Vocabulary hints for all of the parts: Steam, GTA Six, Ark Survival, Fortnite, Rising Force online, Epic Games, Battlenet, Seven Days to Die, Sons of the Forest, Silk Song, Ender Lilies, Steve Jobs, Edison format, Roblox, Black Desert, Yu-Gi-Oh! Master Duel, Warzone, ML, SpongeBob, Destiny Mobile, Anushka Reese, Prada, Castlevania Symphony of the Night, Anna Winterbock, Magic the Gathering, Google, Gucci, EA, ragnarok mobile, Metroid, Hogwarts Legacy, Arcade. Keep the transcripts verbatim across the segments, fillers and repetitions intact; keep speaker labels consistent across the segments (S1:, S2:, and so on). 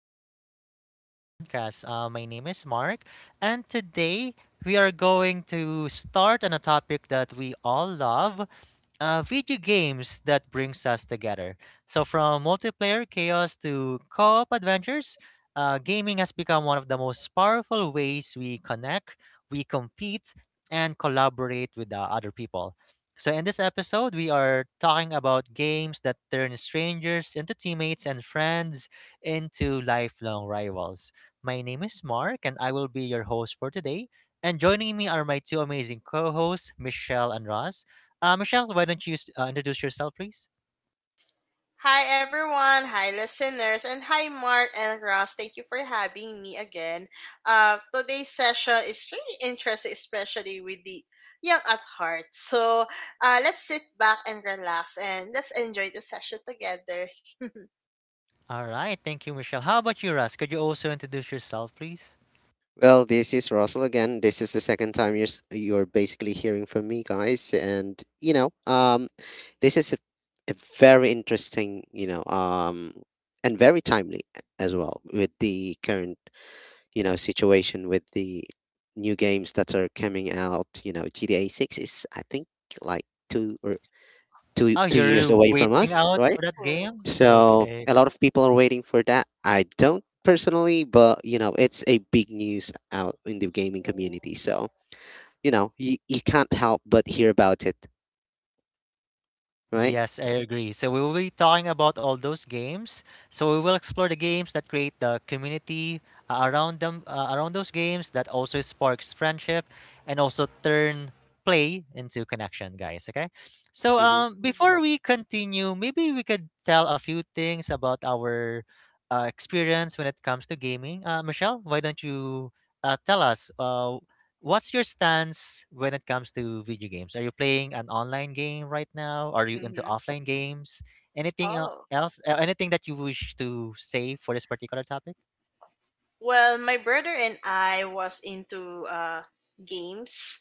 S1: to the awesome podcast. Uh, my name is Mark, and today we are going to start on a topic that we all love uh, video games that brings us together. So, from multiplayer chaos to co op adventures, uh, gaming has become one of the most powerful ways we connect, we compete, and collaborate with uh, other people. So, in this episode, we are talking about games that turn strangers into teammates and friends into lifelong rivals. My name is Mark, and I will be your host for today. And joining me are my two amazing co hosts, Michelle and Ross. Uh, Michelle, why don't you s- uh, introduce yourself, please?
S2: Hi everyone, hi listeners, and hi Mark and Ross. Thank you for having me again. Uh, today's session is really interesting, especially with the young at heart. So uh, let's sit back and relax, and let's enjoy the session together.
S1: All right, thank you, Michelle. How about you, Ross? Could you also introduce yourself, please?
S3: Well, this is Russell again. This is the second time you're s- you're basically hearing from me, guys, and you know, um, this is a, a very interesting, you know, um, and very timely as well with the current, you know, situation with the new games that are coming out. You know, G T A Six is I think like two or two
S1: Oh,
S3: two years
S1: you're
S3: away from
S1: waiting
S3: us,
S1: out
S3: right?
S1: for that
S2: Oh,
S1: game?
S3: So
S1: Okay.
S3: a lot of people are waiting for that. I don't personally, but you know, it's a big news out in the gaming community. So, you know, you, you can't help but hear about it, right?
S1: Yes, I agree. So we will be talking about all those games. So we will explore the games that create the community uh, around them, uh, around those games that also sparks friendship and also turn play into connection, guys. Okay. So
S3: hmm
S1: um,
S2: mhm,
S1: before we continue, maybe we could tell a few things about our uh, experience when it comes to gaming. Uh, Michelle, why don't you uh, tell us? Uh, What's your stance when it comes to video games? Are you playing an online game right now? Are you into
S2: mhm.
S1: offline games? Anything el-
S2: Oh,
S1: else? Uh, anything that you wish to say for this particular topic?
S2: well, my brother and I was into uh games.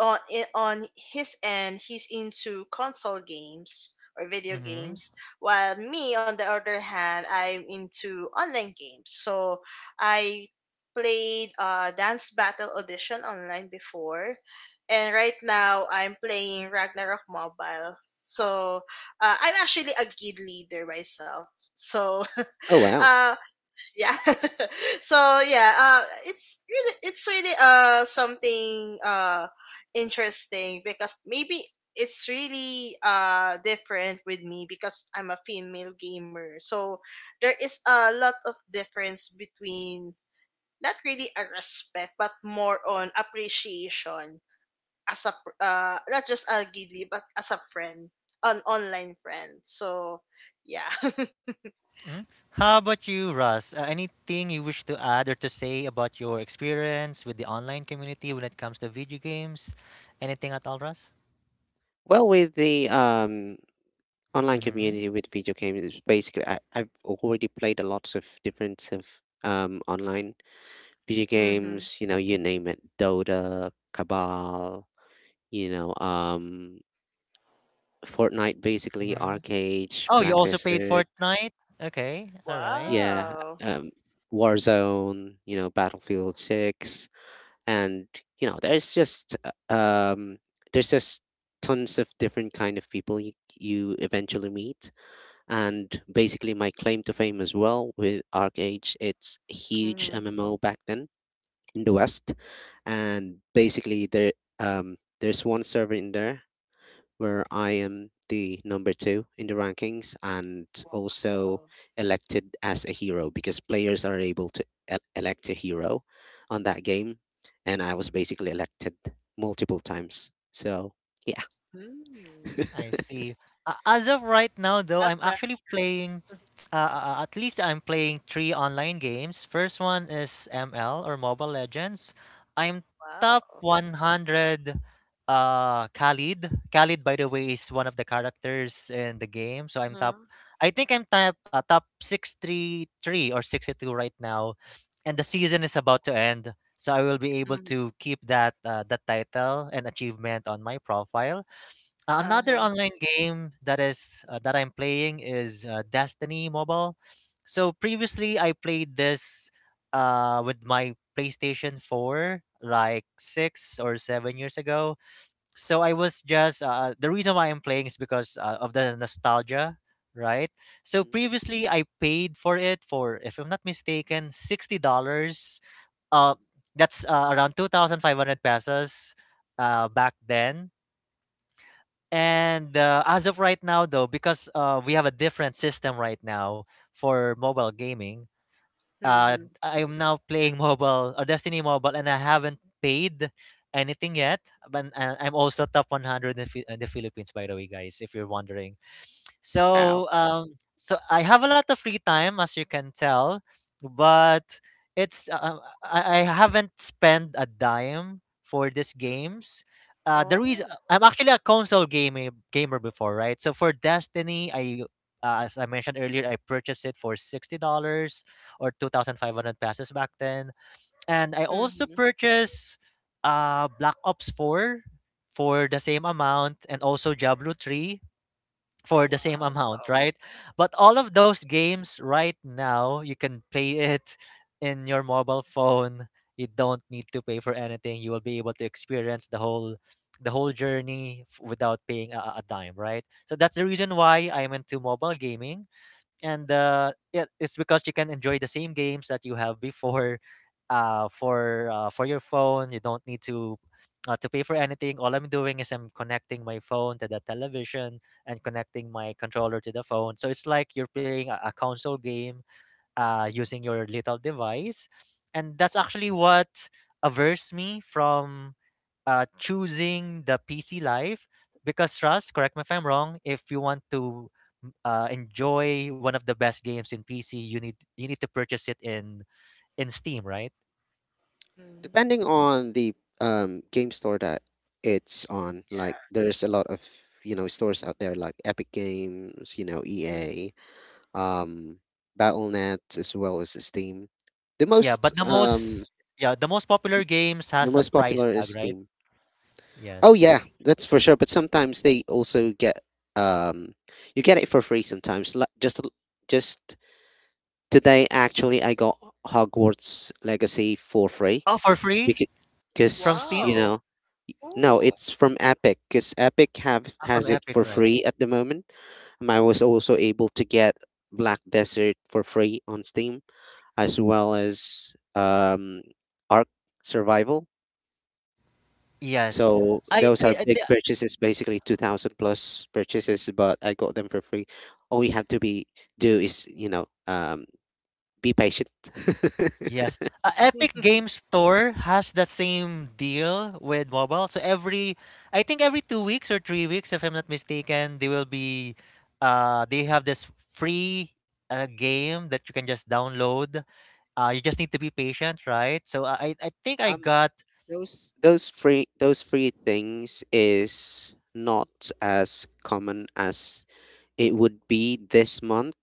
S2: on i- on his end he's into console games or video
S1: Mm-hmm.
S2: games, while me on the other hand I'm into online games. So I played uh dance battle audition online before, and right now I'm playing Ragnarok mobile. So uh, I'm actually a guild leader myself. So
S3: Oh wow.
S2: um yeah. So yeah, uh it's really it's really uh something uh interesting, because maybe it's really uh different with me because I'm a female gamer. So there is a lot of difference between, not really a respect but more on appreciation, as a pr- uh not just a giddy but as a friend, an online friend. So yeah.
S1: Hmm. How about you, Russ? Uh, anything you wish to add or to say about your experience with the online community when it comes to video games? Anything at all, Russ?
S3: Well, with the um online
S1: Mm-hmm.
S3: community with video games, it's basically I, I've already played a lot of different of um online video
S2: Hmm.
S3: games, you know, you name it, Dota, Cabal, you know, um, Fortnite, basically,
S1: Mm-hmm.
S3: Arcade,
S1: Oh, you
S3: Black
S1: also played
S3: Desert,
S1: Fortnite? Okay, all right.
S3: yeah,
S2: Wow.
S3: um, Warzone, you know, Battlefield six, and you know, there's just uh, um, there's just tons of different kind of people you, you eventually meet, and basically my claim to fame as well with Arcade, it's a huge
S2: Mm-hmm.
S3: MMO back then in the West, and basically there um there's one server in there where I am the number two in the rankings, and also
S2: Wow.
S3: elected as a hero because players are able to el- elect a hero on that game, and I was basically elected multiple times. So yeah.
S2: Hmm.
S1: I see. Uh, as of right now, though,
S2: Up
S1: I'm
S2: right.
S1: actually playing. Uh, uh, uh, at least I'm playing three online games. First one is M L or Mobile Legends. I'm top
S2: Wow.
S1: one hundred. Uh, Khalid. Khalid, by the way, is one of the characters in the game. So I'm
S2: Uh-huh.
S1: top. I think I'm top uh, top six three three or sixty two right now, and the season is about to end. So I will be able
S2: Mm-hmm.
S1: to keep that uh, that title and achievement on my profile. Uh, another
S2: Uh-huh.
S1: online game that is uh, that I'm playing is uh, Destiny Mobile. So previously I played this uh, with my PlayStation four like six or seven years ago. So I was just uh, the reason why I'm playing is because uh, of the nostalgia, right? So
S3: hmm
S1: previously I paid for it for if I'm not mistaken sixty dollars. Uh that's uh, around twenty-five hundred pesos uh, back then, and uh, as of right now, though, because uh, we have a different system right now for mobile gaming, uh,
S2: Mm-hmm.
S1: I am now playing mobile, uh, Destiny Mobile, and I haven't paid anything yet. But uh, I'm also top one hundred in, Phi- in the Philippines, by the way, guys, if you're wondering.
S3: Wow.
S1: So, um, so I have a lot of free time, as you can tell, but it's uh, I, I haven't spent a dime for these games. Uh, the reason
S2: Oh.
S1: I'm actually a console gamer gamer before, right? So for Destiny, I uh, as I mentioned earlier, I purchased it for sixty dollars or two thousand five hundred pesos back then, and I also
S2: Mm-hmm.
S1: purchased uh Black Ops Four for the same amount, and also Diablo Three for the same
S2: Wow.
S1: amount, right? But all of those games right now, you can play it in your mobile phone. You don't need to pay for anything. You will be able to experience the whole the whole journey f- without paying a, a dime, right? So that's the reason why I'm into mobile gaming, and uh, yeah, it's because you can enjoy the same games that you have before. Uh, for uh, for your phone, you don't need to uh, to pay for anything. All I'm doing is I'm connecting my phone to the television and connecting my controller to the phone. So it's like you're playing a, a console game uh, using your little device. And that's actually what averts me from uh, choosing the P C life. Because, Russ, correct me if I'm wrong, if you want to m- uh, enjoy one of the best games in P C, you need you need to purchase it in in Steam, right?
S2: Mm-hmm.
S3: Depending on the um, game store that it's on.
S2: Yeah.
S3: Like there's a lot of, you know, stores out there, like Epic Games, you know,
S2: Hmm.
S3: EA, um, Battle.net, as well as Steam. the
S1: Yeah,
S3: most
S1: but the
S3: um,
S1: most yeah, the most
S3: y-
S1: popular games
S3: the
S1: has a
S3: most
S1: price
S3: popular is
S1: tag, right?
S3: Steam. Oh
S1: Yes.
S3: yeah, that's for sure, but sometimes they also get um, you get it for free sometimes. Like just a- just today actually I got Hogwarts Legacy for free,
S1: Oh, for free from
S3: because you
S1: Steam?
S2: Wow.
S3: know. No,
S2: Ooh.
S3: it's from Epic, because Epic have
S1: Ah, from
S3: has it
S1: Epic,
S3: for
S1: right?
S3: free at the moment. Um, I was also able to get Black Desert for free on Steam, as well as um Ark Survival.
S1: Yes.
S3: So
S1: I
S3: those are
S1: I I,
S3: big purchases, basically two thousand plus purchases, but I got them for free. All you have to be do is, you know, um be patient.
S1: Yes. Uh, Epic Game Store has the same deal with mobile. So every, I think every two weeks or three weeks, if I'm not mistaken, they will be, uh, they have this free uh, game that you can just download. Uh, you just need to be patient, right? So I, I I think I
S3: um
S1: got.
S3: those those free those free things is not as common as. It would be this month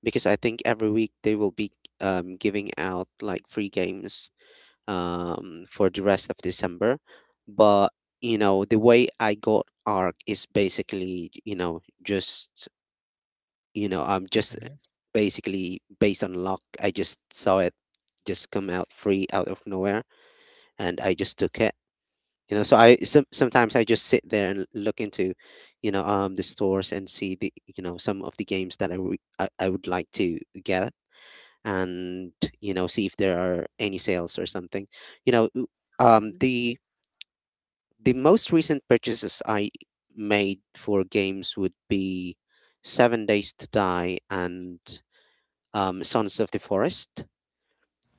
S3: because I think every week they will be, um, giving out like free games, um, for the rest of December. But you know, the way I got Arc is basically, you know, just you know I'm just uh,
S1: Mhm.
S3: basically based on luck. I just saw it just come out free out of nowhere, and I just took it. You know, so i some, sometimes I just sit there and look into, you know, um the stores, and see, the you know, some of the games that i, re- I, I would like to get, and, you know, see if there are any sales or something. you know w- um
S2: Mm-hmm.
S3: the the most recent purchases I made for games would be seven days to die and um sons of the forest,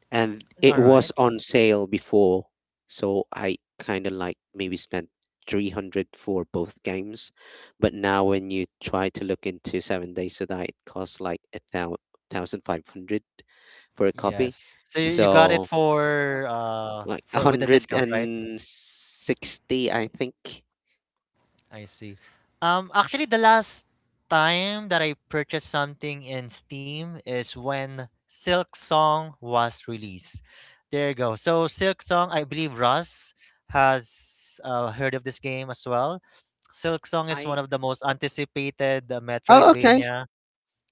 S3: and it
S1: All right.
S3: was on sale before, so I kind of like maybe spent three hundred for both games. But now when you try to look into seven days to die, it costs like a thousand five hundred for a copy,
S1: Yes. So you you got it
S3: so
S1: for uh
S3: like
S1: for with a discount, right?
S3: one hundred sixty I think.
S1: I see. Um, actually, the last time that I purchased something in Steam is when Silk Song was released. There you go. So Silk Song, I believe Russ has uh, heard of this game as well. Silk Song is
S3: I
S1: one of the most anticipated uh,
S3: oh okay,
S1: Metroidvania.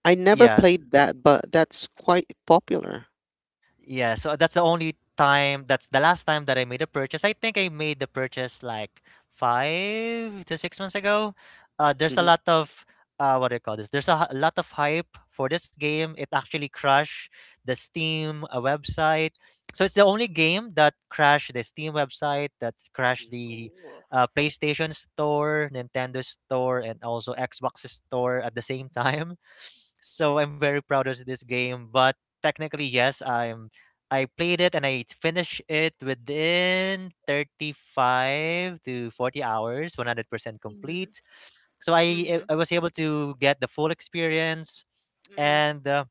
S3: I never
S1: Yeah,
S3: played that, but that's quite popular.
S1: yeah, so that's the only time that's the last time that I made a purchase. I think I made the purchase like five to six months ago. Uh there's a
S3: Hmm
S1: lot of uh what do you call this? There's a h- lot of hype for this game. It actually crashed the Steam uh, website. So it's the only game that crashed the Steam website, that's crashed
S3: hmm
S1: the
S2: Cool.
S1: uh, PlayStation Store, Nintendo Store, and also Xbox Store at the same time. So I'm very proud of this game, but technically yes i'm I played it and I finished it within thirty-five to forty hours, one hundred percent
S2: Mm-hmm.
S1: complete. So I
S2: Mm-hmm.
S1: I was able to get the full experience
S2: Mm-hmm.
S1: and uh,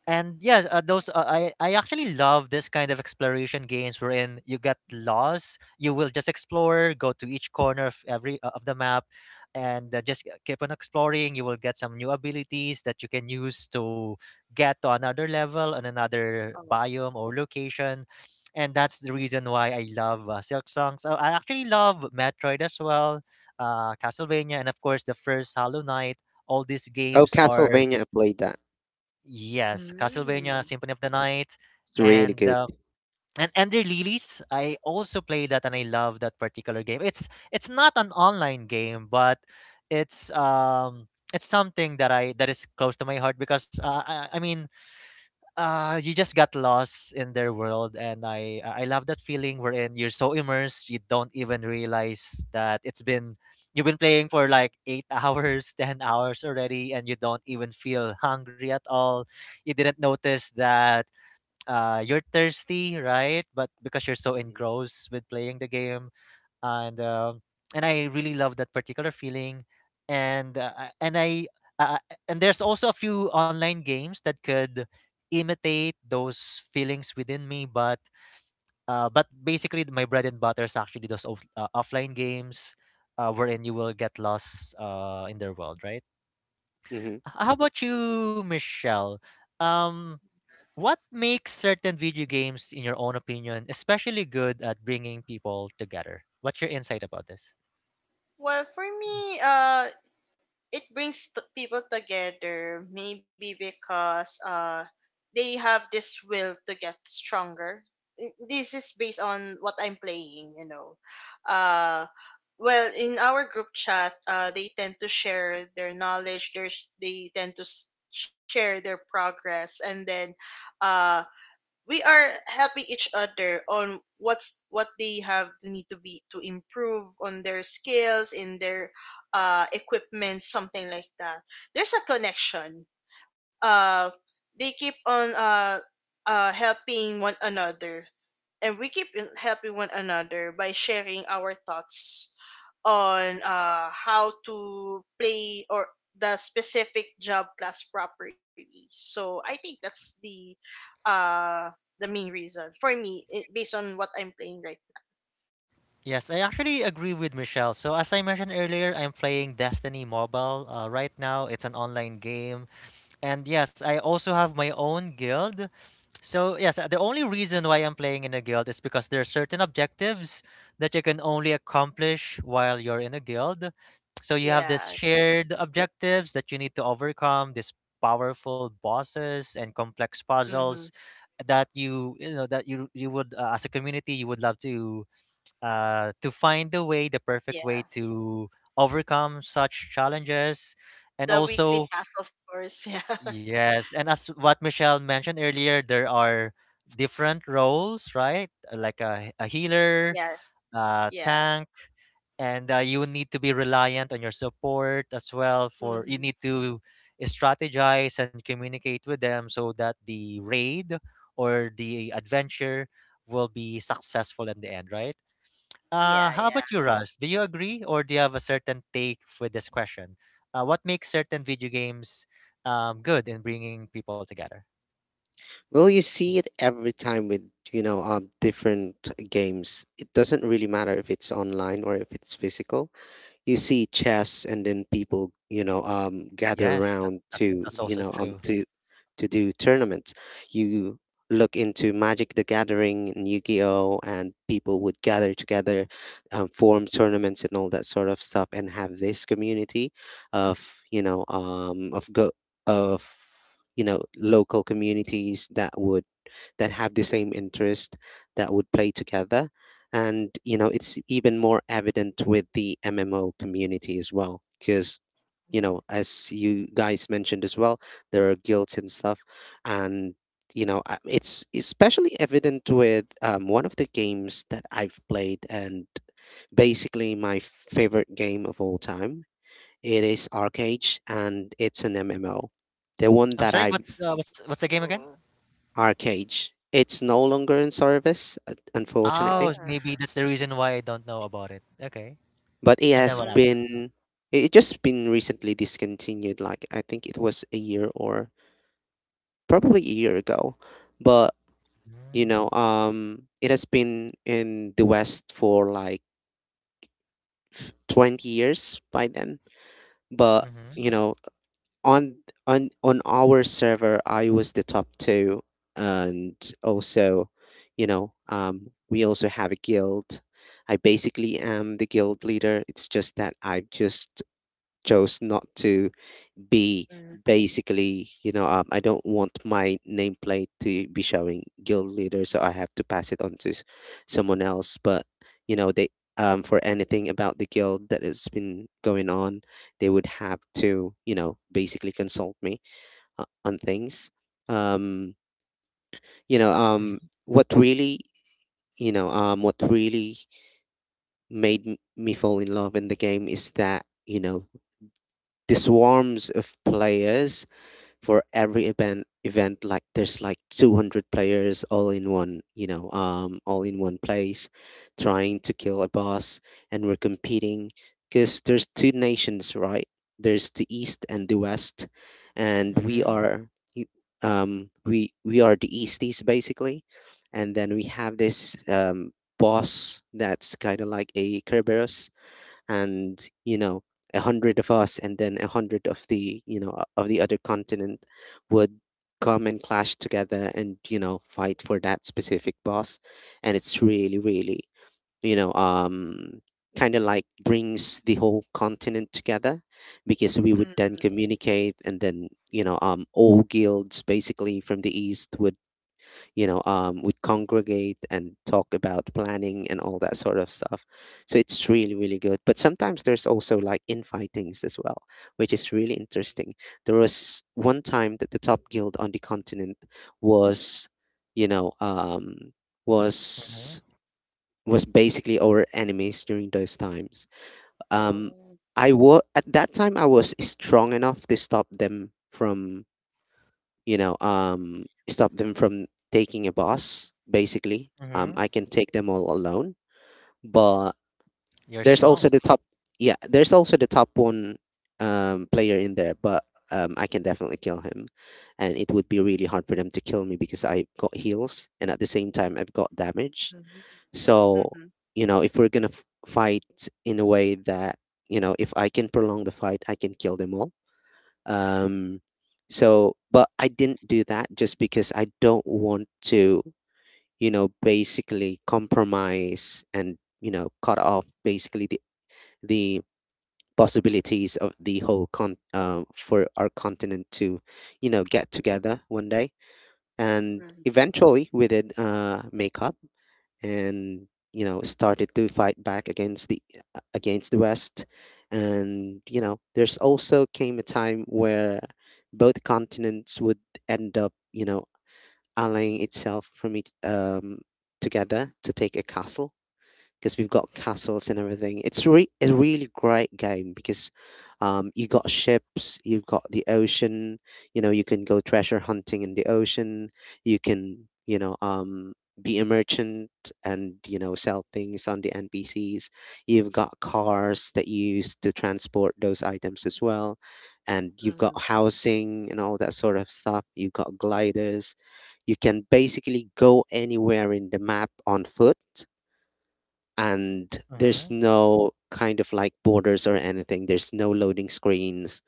S1: and yes, uh, those uh, I I actually love this kind of exploration games wherein you get lost. You will just explore, go to each corner of every uh, of the map, and uh, just keep on exploring. You will get some new abilities that you can use to get to another level and another
S2: Oh.
S1: biome or location. And that's the reason why I love uh, Silk Song. So I actually love Metroid as well, uh, Castlevania, and of course the first Hollow Knight. All these
S3: oh,
S1: games are...
S3: Castlevania, I played that.
S1: Yes, Castlevania
S2: Mm.
S1: Symphony of the Night,
S3: It's really
S1: and
S3: good.
S1: uh, and Ender Lilies. I also play that and I love that particular game. It's it's not an online game, but it's um it's something that I that is close to my heart because uh, I, I mean uh you just got lost in their world, and i i I love that feeling wherein you're so immersed you don't even realize that it's been you've been playing for like eight hours, ten hours already, and you don't even feel hungry at all, you didn't notice that uh you're thirsty, right? But because you're so
S3: Hmm
S1: engrossed with playing the game, and um, and I really love that particular feeling, and uh, I- and I uh, and there's also a few online games that could imitate those feelings within me, but uh, but basically th- my bread and butter is actually those off- uh, offline games, uh, wherein you will get lost uh, in their world, right?
S3: hmm
S1: H- How about you, Michelle? Um, what makes certain video games, in your own opinion, especially good at bringing people together? What's your insight about this?
S2: Well, for me, uh, it brings t- people together maybe because uh they have this will to get stronger. I- this is based on what I'm playing you know uh well, in our group chat, uh they tend to share their knowledge their, sh- They tend to s- share their progress, and then uh we are helping each other on what's what they have to need to be to improve on their skills, in their uh equipment, something like that. There's a connection. uh they keep on uh uh helping one another, and we keep helping one another by sharing our thoughts on uh, how to play or the specific job class properly. So I think that's the uh the main reason for me, it, based on what I'm playing, right
S1: Yes, I actually agree with Michelle. So, as I mentioned earlier, I'm playing Destiny Mobile uh, right now. It's an online game. And yes, I also have my own guild. So, yes, uh, the only reason why I'm playing in a guild is because there are certain objectives that you can only accomplish while you're in a guild. So,
S2: now.
S1: you have this
S2: Yeah.
S1: shared objectives that you need to overcome, these powerful bosses and complex
S2: Mm-hmm.
S1: puzzles that you you know that you you would uh, as a community you would love to uh, to find the way, the perfect way
S2: Yeah.
S1: to overcome such challenges. And
S2: The weekly
S1: also,
S2: tasks, of course.
S1: yes, and as what Michelle mentioned earlier, there are different roles, right? Like a, a healer,
S2: Yeah.
S1: a
S2: yeah.
S1: tank, and uh, you need to be reliant on your support as well,
S2: Yeah.
S1: for you
S2: Mm-hmm.
S1: need to strategize and communicate with them so that the raid or the adventure will be successful in the end, right? Uh,
S2: Yeah.
S1: how
S2: Yeah.
S1: about you, Russ? Do you agree or do you have a certain take with this question? Uh, what makes certain video games um, good in bringing people together?
S3: Well, you
S1: Mhm.
S3: see it every time with, you know, um different games. It doesn't really matter if it's online or if it's physical. You see chess, and then people, you know, um gather
S1: Yes, that's,
S3: around
S1: that's,
S3: to,
S1: that's
S3: you
S1: also
S3: know um
S1: true.
S3: to to do tournaments. You look into Magic the Gathering and Yu-Gi-Oh, and people would gather together, um, form tournaments and all that sort of stuff, and have this community of, you know um of go of you know, local communities that would, that have the same interest, that would play together. And, you know, it's even more evident with the M M O community as well. Because, you know,
S2: Mm-hmm.
S3: as you guys mentioned as well, there are guilds and stuff. And, you know, I- it's especially evident with, um, one of the games that I've played, and basically my favorite game of all time. It is Arcade, and it's an M M O. The one
S1: I'm
S3: that
S1: sorry, what's,
S3: I've.
S1: uh, what's, what's the game again?
S2: Oh.
S3: Arcade. It's no longer in service, un-
S2: Oh.
S1: Oh,
S3: unfortunately,
S1: maybe that's the reason why I don't know about it. Okay.
S3: but it
S1: And then
S3: has
S1: what happened?
S2: Mm-hmm.
S3: been, it it just been recently discontinued. Like I think it was a year or probably a year ago, but you
S1: Mm-hmm,
S3: know, um, it has been in the West for like f- twenty years by then. But
S1: mm-hmm,
S3: you know, on on on our server I was the top two, and also, you know, um, we also have a guild. I basically am the guild leader, it's just that I've just chose not to be.
S2: Mm-hmm.
S3: Basically, you know, um, I don't want my nameplate to be showing guild leader, so I have to pass it on to s- someone else. But you know, they, um, for anything about the guild that has been going on, they would have to, you know, basically consult me uh, on things. Um, you know, um, what really, you know, um, what really made m- me fall in love in the game is that, you know, the swarms of players for every event event, like there's like two hundred players all in one, you know, um, all in one place, trying to kill a boss, and we're competing, because there's two nations, right? There's the east and the west, and we
S1: mm-hmm,
S3: are y- um we we are the easties, basically. And then we have this um boss that's kind of like a Kerberos, and you know, a hundred of us and then a hundred of the, you know o- of the other continent would come and clash together, and you know, fight for that specific boss. And it's really really, you know um kind of like brings the whole continent together, because we would then communicate, and then, you know, um, all guilds basically from the east would, you know, um, we congregate and talk about planning and all that sort of stuff. So it's really really good, but sometimes there's also like infightings as well, which is really interesting. There was one time that the top guild on the continent was, you know um,
S1: mm-hmm,
S3: was was basically our enemies during those times, um.
S2: Oh.
S3: I was, at that time, I was strong enough to stop them from, you know, um, stop them from taking a bus, basically. Um,
S1: mm-hmm.
S3: I can take them all alone. But
S1: You're
S3: there's also
S1: strong.
S3: the top, yeah, there's also the top one, um, player in there, but um, I can definitely kill him. And it would be really hard for them to kill me because I've got heals, and at the same time I've got damage.
S2: Mm-hmm.
S3: So,
S2: Mm-hmm.
S3: you know, if we're going to f- fight in a way that, you know, if I can prolong the fight, I can kill them all, um. So, but I didn't do that just because I don't want to, you know, basically compromise, and, you know, cut off basically the, the possibilities of the whole con uh, for our continent to, you know, get together one day. And eventually we did, uh, make up, and you know, started to fight back against the uh, against the west. And you know, there's also came a time where both continents would end up, you know, allying itself from each um together to take a castle, because we've got castles and everything. It's re- a really great game, because um, you got ships, you've got the ocean. You know, you can go treasure hunting in the ocean. You can, you know, um, be a merchant, and you know, sell things on the N P Cs. You've got cars that you use to transport those items as well, and you've
S2: Mm-hmm.
S3: got housing and all that sort of stuff. You've got gliders. You can basically go anywhere in the map on foot, and there's
S1: Mm-hmm,
S3: no kind of like borders or anything. There's no loading screens,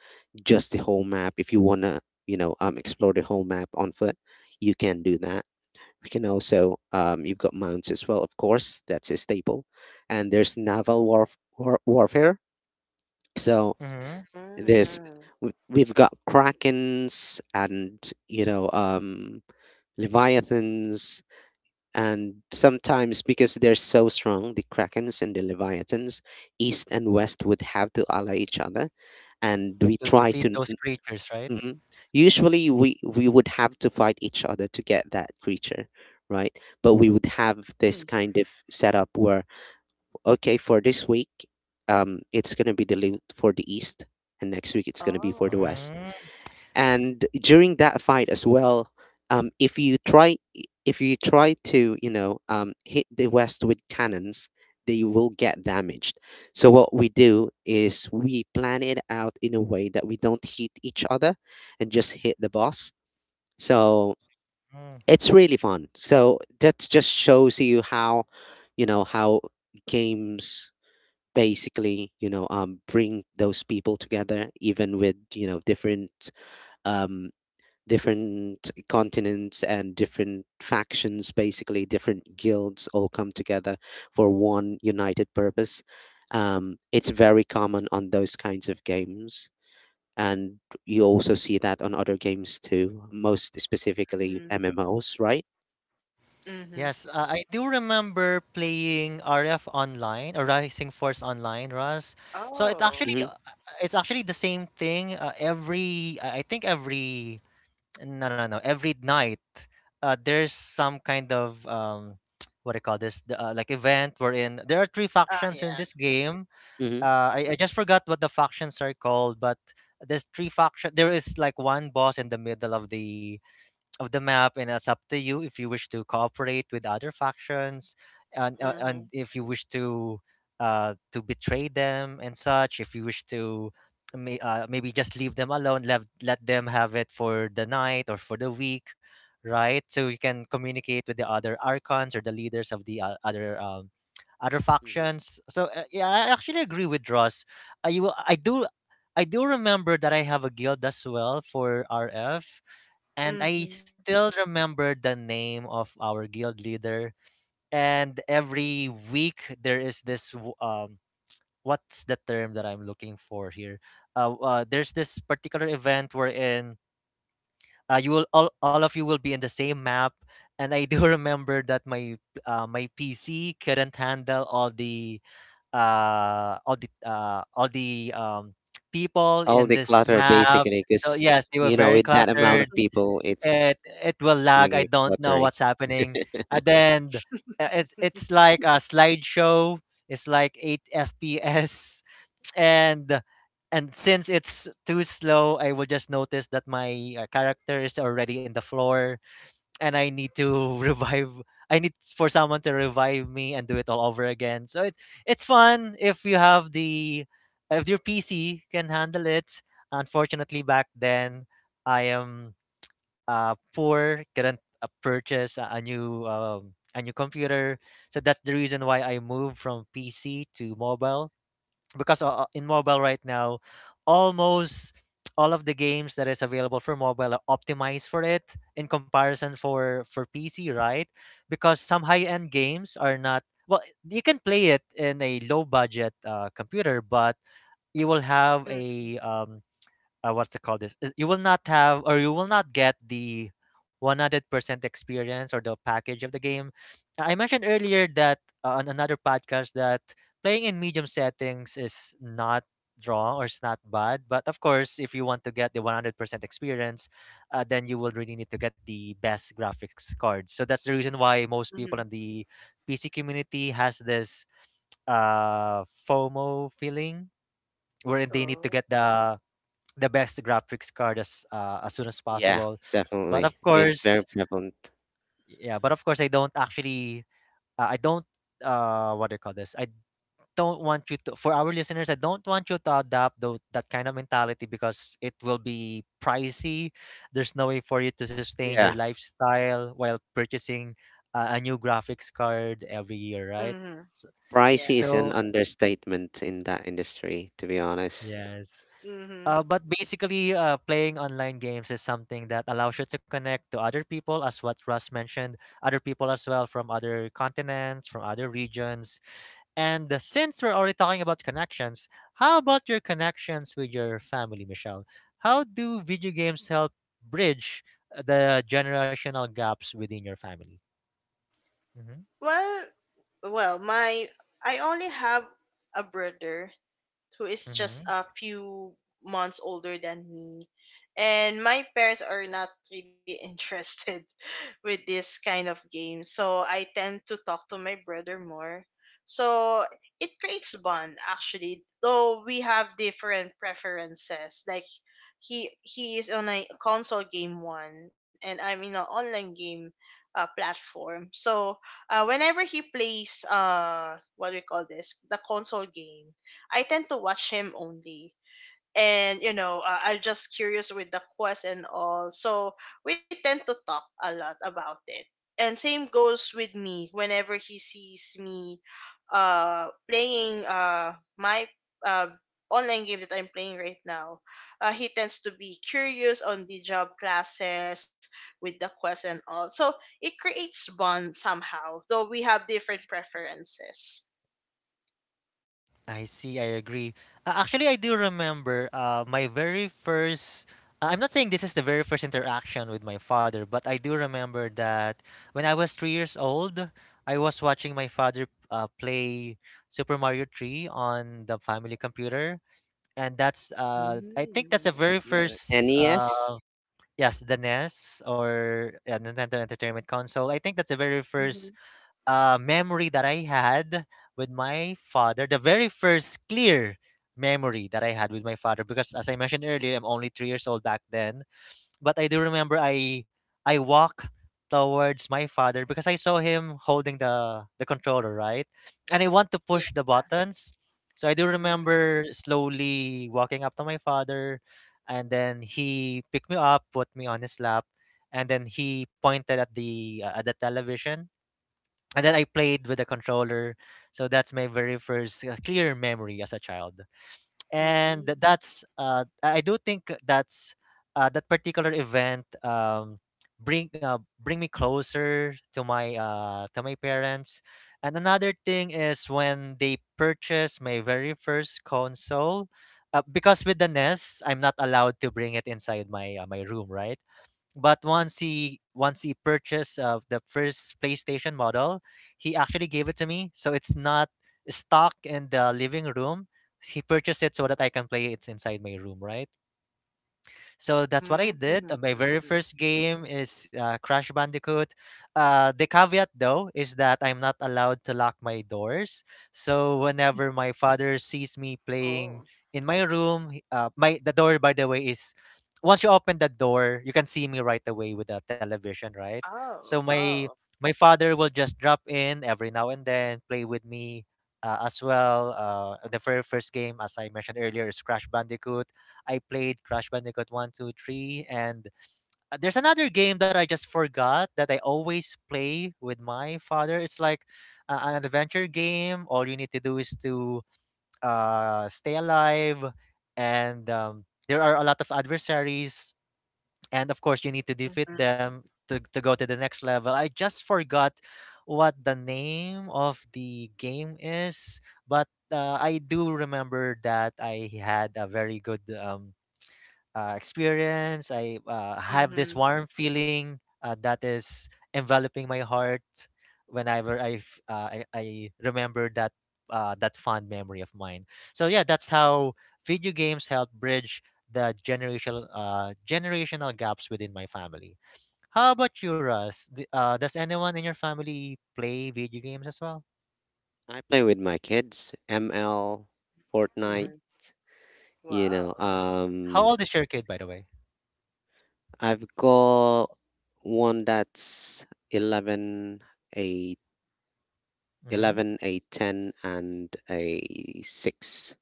S3: just the whole map. If you wanna, you know, um, explore the whole map on foot, you can do that. We can also, um, you've got mounts as well, of course. That's a staple, and there's naval warf- war- warfare. So
S1: mm-hmm.
S3: there's,
S2: Mm-hmm.
S3: w- we've got krakens and, you know um leviathans. And sometimes, because they're so strong, the Krakens and the Leviathans, East and West would have to ally each other. And we
S1: To
S3: try
S1: defeat
S3: to.
S1: those creatures, right?
S3: Mhm. Usually, we, we would have to fight each other to get that creature, right? But we would have
S2: Mm-hmm.
S3: this kind of setup where, okay, for this week, um, it's going to be the loot for the East, and next week, it's going to be for the
S2: Oh.
S3: West.
S1: Mm-hmm.
S3: And during that fight as well, um, if you try if you try to, you know um, hit the west with cannons, they will get damaged. So what we do is we plan it out in a way that we don't hit each other and just hit the boss. So it's really fun. So that just shows you how, you know how games basically, you know um, bring those people together, even with, you know different, um, different continents and different factions, basically different guilds, all come together for one united purpose. Um, it's very common on those kinds of games, and you also see that on other games too, most
S2: Mm-hmm.
S3: specifically M M Os, right?
S2: Mm-hmm.
S1: Yes, uh, I do remember playing R F Online or Rising Force Online, Russ. So it
S2: Oh,
S1: actually
S3: Hmm.
S1: uh, it's actually the same thing uh, every I I think every no no no every night. Uh, there's some kind of um what do you call this, the, uh, like event wherein there are three
S2: ah,
S1: factions in
S2: yeah.
S1: this game.
S3: Hmm.
S1: Uh, I, I just forgot what the factions are called, but there's three faction. There is like one boss in the middle of the of the map, and it's up to you if you wish to cooperate with other factions, and uh,
S2: Mhm.
S1: and if you wish to uh, to betray them and such. If you wish to may, uh, maybe just leave them alone, let let them have it for the night or for the week, right? So you can communicate with the other archons or the leaders of the uh, other. Um, other
S3: Hmm.
S1: factions, so uh, yeah, I actually agree with Ross. i, will- I do. I do remember that I have a guild as well for R F, and I
S2: Mhm.
S1: still remember the name of our guild leader. And every week there is this w- um what's the term that I'm looking for here? Uh, uh there's this particular event wherein uh, you will all, all of you will be in the same map. And I do remember that my uh, my P C couldn't handle all the uh all the uh all the um people
S3: All
S1: in
S3: the
S1: this
S3: clutter,
S1: map.
S3: basically,
S1: So
S3: because,
S1: yes, they were
S3: you know,
S1: very
S3: with that amount of
S1: cluttered.
S3: people,
S1: it
S3: it's
S1: it will lag.
S3: gonna
S1: I
S3: get
S1: don't know
S3: cluttery.
S1: what's happening. And then uh, it it's like a slideshow. It's like eight F P S and and since it's too slow, I will just notice that my uh, character is already in the floor, and I need to revive. I need for someone to revive me and do it all over again. So it's it's fun if you have the if your P C can handle it. Unfortunately, back then I am uh, poor, couldn't uh, purchase a, a new um, a new computer. So that's the reason why I moved from P C to mobile because uh, uh, in mobile right now, almost all of the games that is available for mobile are optimized for it in comparison for for P C, right? Because some high-end games are not well, you can play it in a low budget uh, computer, but you will have
S2: Mhm.
S1: a um, uh, what's it called, this is- you will not have or you will not get the one hundred percent experience or the package of the game. I mentioned earlier that uh, on another podcast that playing in medium settings is not wrong or it's not bad, but of course if you want to get the one hundred percent experience, uh, then you will really need to get the best graphics cards. So that's the reason why most people
S2: Mhm.
S1: in the PC community has this uh FOMO feeling wherein they need to
S2: Oh.
S1: get the the best graphics card as uh, as soon as
S3: Yeah,
S1: possible. But
S3: definitely.
S1: of
S3: It's
S1: course,
S3: very prevalent.
S1: yeah. But of course, I don't actually. Uh, I don't. Uh, what do you call this? I don't want you to. For our listeners, I don't want you to adopt tho- that kind of mentality because it will be pricey. There's no way for you to sustain your
S3: Yeah.
S1: lifestyle while purchasing uh, a new graphics card every year, right?
S2: Mhm.
S1: So,
S3: Pricey
S2: Yeah.
S3: is an
S1: so
S3: understatement in that industry, to be honest.
S1: yes.
S2: Mhm.
S1: Uh, but basically, uh, playing online games is something that allows you to connect to other people, as what Russ mentioned, other people as well from other continents, from other regions. And uh, since we're already talking about connections, how about your connections with your family, Michelle? How do video games help bridge the generational gaps within your family? Mm-hmm,
S2: Well, well, my I only have a brother who is just
S1: mm-hmm.
S2: a few months older than me. And my parents are not really interested with this kind of game. So I tend to talk to my brother more. So it creates bond actually, though we have different preferences. Like he he is on a console game one, and I'm in an online game uh, platform. So uh, whenever he plays uh what do we call this? The console game, I tend to watch him only. And you know, uh, I'm just curious with the quest and all. So we tend to talk a lot about it. And same goes with me. Whenever he sees me uh playing uh my uh online game that I'm playing right now, uh, he tends to be curious on the job classes, with the quest and all. So it creates bond somehow, though we have different preferences.
S1: I see, I agree. Uh, actually, I do remember uh, my very first. Uh, I'm not saying this is the very first interaction with my father, but I do remember that when I was three years old, I was watching my father uh, play Super Mario three on the family computer. And that's, uh, I think that's the
S2: Mm.
S1: very
S3: The
S1: first, uh,
S3: N E S.
S1: yes, the N E S or uh, Nintendo Entertainment Console. I think that's the very first
S2: Hmm.
S1: uh, memory that I had with my father, the very first clear memory that I had with my father, because as I mentioned earlier, I'm only three years old back then. But I do remember I I walk towards my father because I saw him holding the the controller, right? And I want to
S2: Yeah.
S1: push the buttons. So I do
S2: Mhm.
S1: remember slowly walking up to my father, and then he picked me up, put me on his lap, and then he pointed at the uh, at the television, and then I played with the controller. So that's my very first uh, clear memory as a child. And th-
S2: Mhm.
S1: that's uh, I I do think that's uh, that particular event um, bring uh, bring me closer to my uh, to my parents. And another thing is when they purchased my very first console. Uh, because with the N E S, I'm not allowed to bring it inside my uh, my room, right? But once he once he purchased uh, the first PlayStation model, he actually gave it to me. So it's not stuck in the living room. He purchased it so that I can play it inside my room, right? So that's what I
S2: Mhm.
S1: did. Uh, My very first game is uh, Crash Bandicoot. Uh, the caveat though is that I'm not allowed to lock my doors. So whenever my father sees me playing
S2: Oh.
S1: in my room, he- uh, my, the door by the way is once you open the door, you can see me right away with the television, right? So
S2: Oh.
S1: my
S2: Oh.
S1: my father will just drop in every now and then, play with me uh, as well. Uh, the very first game, as I mentioned earlier, is Crash Bandicoot. I played Crash Bandicoot one, two, three, and uh, there's another game that I just forgot that I always play with my father. It's like uh, an adventure game. All you need to do is to uh, stay alive, and um, there are a lot of adversaries, and of course, you need to defeat
S2: Mhm.
S1: them to, to go to the next level. I just forgot what the name of the game is, but uh, I do remember that I had a very good um, uh, experience. I uh, have this
S2: Mhm.
S1: warm feeling uh, that is enveloping my heart whenever I f- uh, I, I remember that uh, that fond memory of mine. So yeah, that's how video games help bridge the generational uh, generational gaps within my family. How about you, Russ? D- uh, does anyone in your family play video games as well?
S3: I play with my kids. M L, Fortnite,
S1: Hmm
S2: Mhm.
S3: you
S2: Wow.
S3: know.
S1: How
S3: Um,
S1: old is your kid, by the way?
S3: I've got one that's eleven, a
S1: Hmm.
S3: 11, a ten, and a six.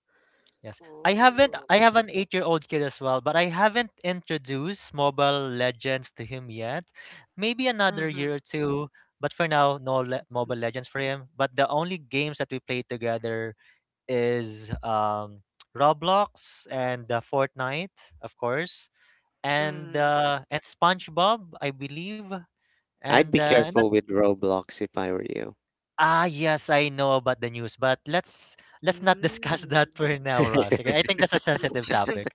S1: Yes. I haven't
S2: Oh.
S1: I have an eight-year-old kid as well, but I haven't introduced Mobile Legends to him yet. Maybe another
S2: Mhm.
S1: year or two, but for now, no le- Mobile Legends for him. But the only games that we play together is um Roblox and uh, Fortnite, of course, and
S2: Mhm.
S1: uh and SpongeBob, I believe.
S3: I'd
S1: And
S3: be
S1: uh and that
S3: careful with Roblox if I were you.
S1: Ah yes, I know about the news, but let's let's not discuss
S2: Mhm.
S1: that for now, Ross. Okay, I think that's a sensitive topic.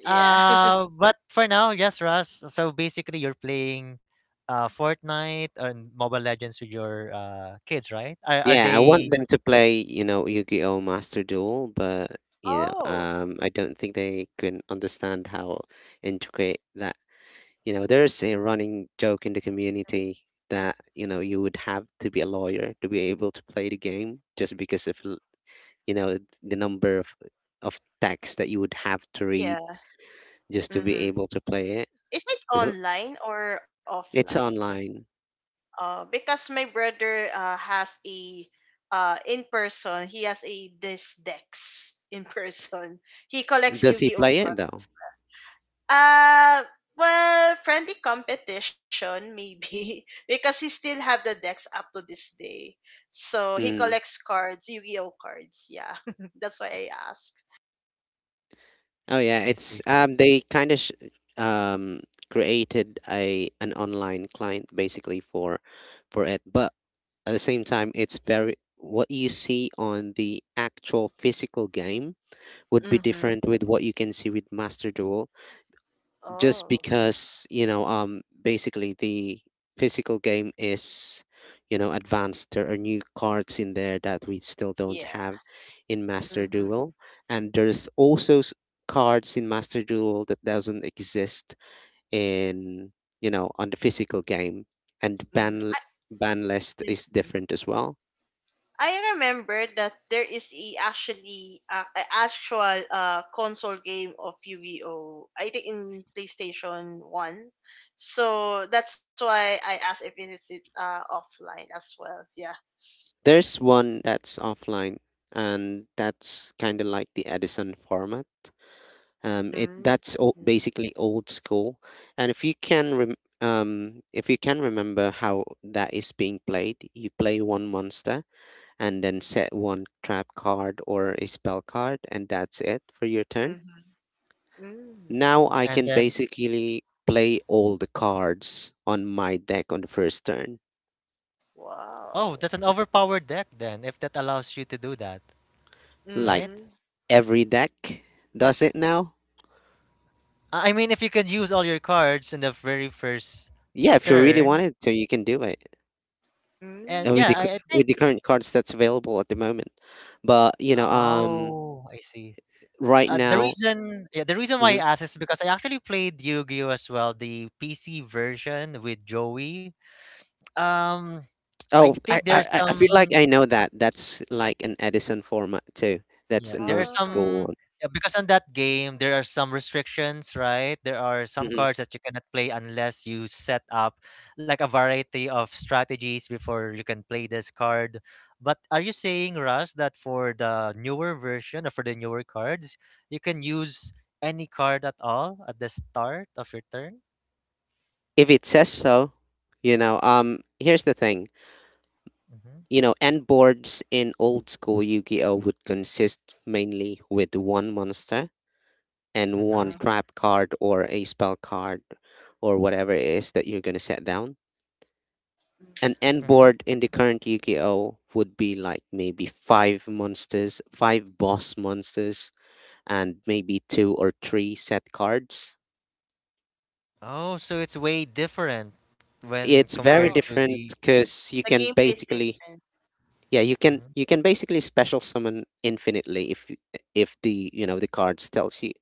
S2: Yeah.
S1: Uh, but for now, yes, Russ. So basically, you're playing uh Fortnite or Mobile Legends with your uh kids, right? Are are
S3: Yeah, I want
S1: they?
S3: them to play, you know, Yu-Gi-Oh! Master Duel, but you know,
S2: Oh.
S3: um, I don't think they can understand how intricate that. You know, there's a running joke in the community that you know you would have to be a lawyer to be able to play the game, just because of l- you know the number of of text that you would have to read
S2: Yeah.
S3: just to be
S2: Mhm.
S3: able to play it.
S2: Is it
S3: It's,
S2: online or
S3: it's
S2: offline?
S3: online.
S2: Uh, because my brother uh, has a uh, in person, he has a this Dex in person. He collects
S3: Does he
S2: Yu-Gi-Oh
S3: play it though?
S2: cards. Uh, well, friendly competition maybe because he still have the decks up to this day. So he
S3: Hmm.
S2: collects cards, Yu-Gi-Oh cards. Yeah, that's why I ask.
S3: Oh yeah,
S1: I
S3: it's
S1: see.
S3: um they kind of sh- um created a an online client basically for for it, but at the same time it's very— what you see on the actual physical game would be
S2: Mm-hmm.
S3: different with what you can see with Master Duel, just
S2: Oh,
S3: because, you know um basically the physical game is, you know, advanced. There are new cards in there that we still don't
S2: yeah.
S3: have in Master
S2: Mm-hmm.
S3: Duel, and there's also s- cards in Master Duel that doesn't exist in, you know, on the physical game. And
S2: Mm-hmm.
S3: ban
S2: I,
S3: ban list is
S2: mm.
S3: different as well.
S2: I remember that there is a actually uh, a actual uh console game of Yu-Gi-Oh. I think in PlayStation One. So that's why I asked if it is it uh offline as well. Yeah.
S3: There's one that's offline, and that's kind of like the Edison format. Um, it
S2: Mm.
S3: that's all,
S2: Mhm.
S3: basically old school, and if you can rem- um, if you can remember how that is being played, you play one monster and then set one trap card or a spell card, and that's it for your turn.
S2: Mhm. Mm.
S3: Now I
S1: And
S3: can
S1: then,
S3: basically play all the cards on my deck on the first turn,
S1: oh,
S2: Wow.
S1: that's an overpowered deck then, if that allows you to do that,
S3: like
S1: right?
S2: Mm.
S3: every deck does it now.
S1: I I mean, if you can use all your cards in the very first
S3: Yeah, if you really
S1: turn,
S3: wanted to, you can do it,
S1: and
S3: and with
S1: yeah,
S3: the cu-
S1: I, I
S2: Mm.
S1: think.
S3: with the current cards that's available at the moment. But you know, um,
S1: Oh, I see.
S3: right
S1: Uh, the
S3: now.
S1: reason, yeah, the reason why I
S3: Hmm.
S1: asked is because I actually played Yu-Gi-Oh as well, the P C version with Joey. Um, I
S3: Oh, I,
S1: think
S3: I
S1: there's
S3: I I feel like
S1: some
S3: I know that. That's like an Edison format too. That's
S1: yeah,
S3: an
S1: there are
S3: old
S2: Oh.
S3: school
S1: some
S3: one.
S1: yeah, because on that game there are some restrictions, right? There are some
S3: Hmm.
S1: cards that you cannot play unless you set up like a variety of strategies before you can play this card. But are you saying, Russ, that for the newer version or for the newer cards, you can use any card at all at the start of your turn?
S3: If it says so, you know. Um, here's the thing.
S1: Mm-hmm.
S3: You know, end boards in old school Yu-Gi-Oh would consist mainly with one monster and one
S1: Mm-hmm.
S2: Uh,
S3: trap card or a spell card, or whatever it is that you're gonna set down. An end
S1: Mm-hmm.
S3: board in the current Yu-Gi-Oh would be like maybe five monsters, five boss monsters, and maybe two or three set cards.
S1: Oh, so it's way different when
S3: It's
S2: oh.
S1: compared
S3: very
S1: to
S3: different
S1: the.
S3: because
S2: The
S3: you can
S2: gameplay is
S3: basically—
S2: different.
S3: yeah, you can
S1: Mhm.
S3: you can basically special summon infinitely if y- if the, you know, the cards tells you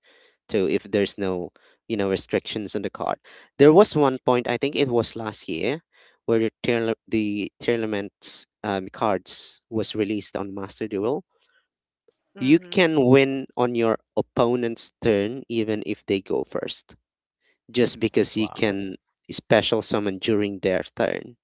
S3: to, if there's no, you know, restrictions on the card. There was one point I think it was last year where the tourna- the tournaments um, cards was released on Master Duel. You
S2: Mhm.
S3: can win on your opponent's turn even if they go first, just because you can special summon during their turn.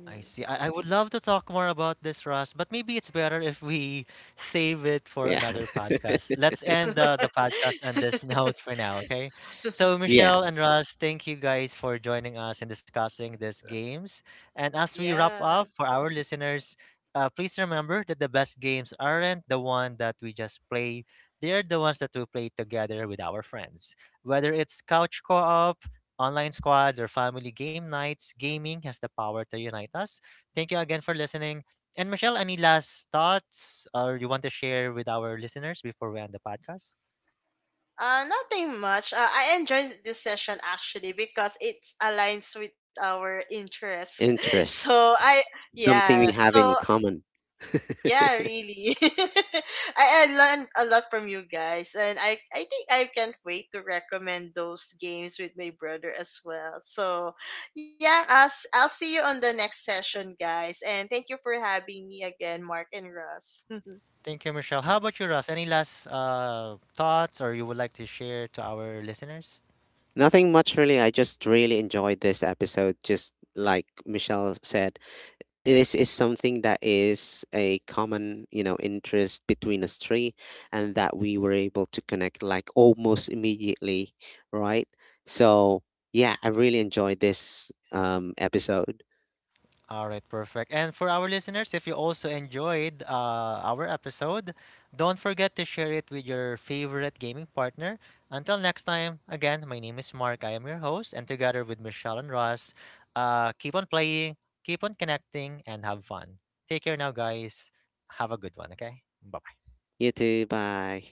S1: I see. I, I would love to talk more about this, Ross, but maybe it's better if we save it for
S3: Yeah.
S1: another podcast. Let's end uh, the podcast on this note for now, okay? So,
S3: Yeah.
S1: Michelle and Ross, thank you guys for joining us and discussing these games. And as we
S2: Yeah.
S1: wrap up for our listeners, uh, please remember that the best games aren't the one that we just play. They're the ones that we play together with our friends. Whether it's couch co-op, online squads or family game nights, gaming has the power to unite us. Thank you again for listening. And Michelle, any last thoughts or you want to share with our listeners before we end the podcast?
S2: Uh, nothing much. Uh, I enjoyed this session actually because it aligns with our interests. So
S3: Interest.
S2: I,
S3: Something
S2: yeah.
S3: we have
S2: So
S3: in common.
S2: Yeah, really. I, I learned a lot from you guys, and I, I think I can't wait to recommend those games with my brother as well. So, yeah, I'll, s- I'll see you on the next session, guys. And thank you for having me again, Mark and Russ.
S1: Thank you, Michelle. How about you, Ross? Any last uh, thoughts or you would like to share to our listeners?
S3: Nothing much really. I just really enjoyed this episode. Just like Michelle said, this is something that is a common, you know, interest between us three, and that we were able to connect like almost immediately, right? So yeah, I really enjoyed this um episode.
S1: All right, perfect. And for our listeners, if you also enjoyed uh, our episode, don't forget to share it with your favorite gaming partner. Until next time, again, my name is Mark. I am your host, and together with Michelle and Ross, uh, keep on playing, keep on connecting, and have fun. Take care now, guys. Have a good one, okay? Bye.
S3: You too, bye.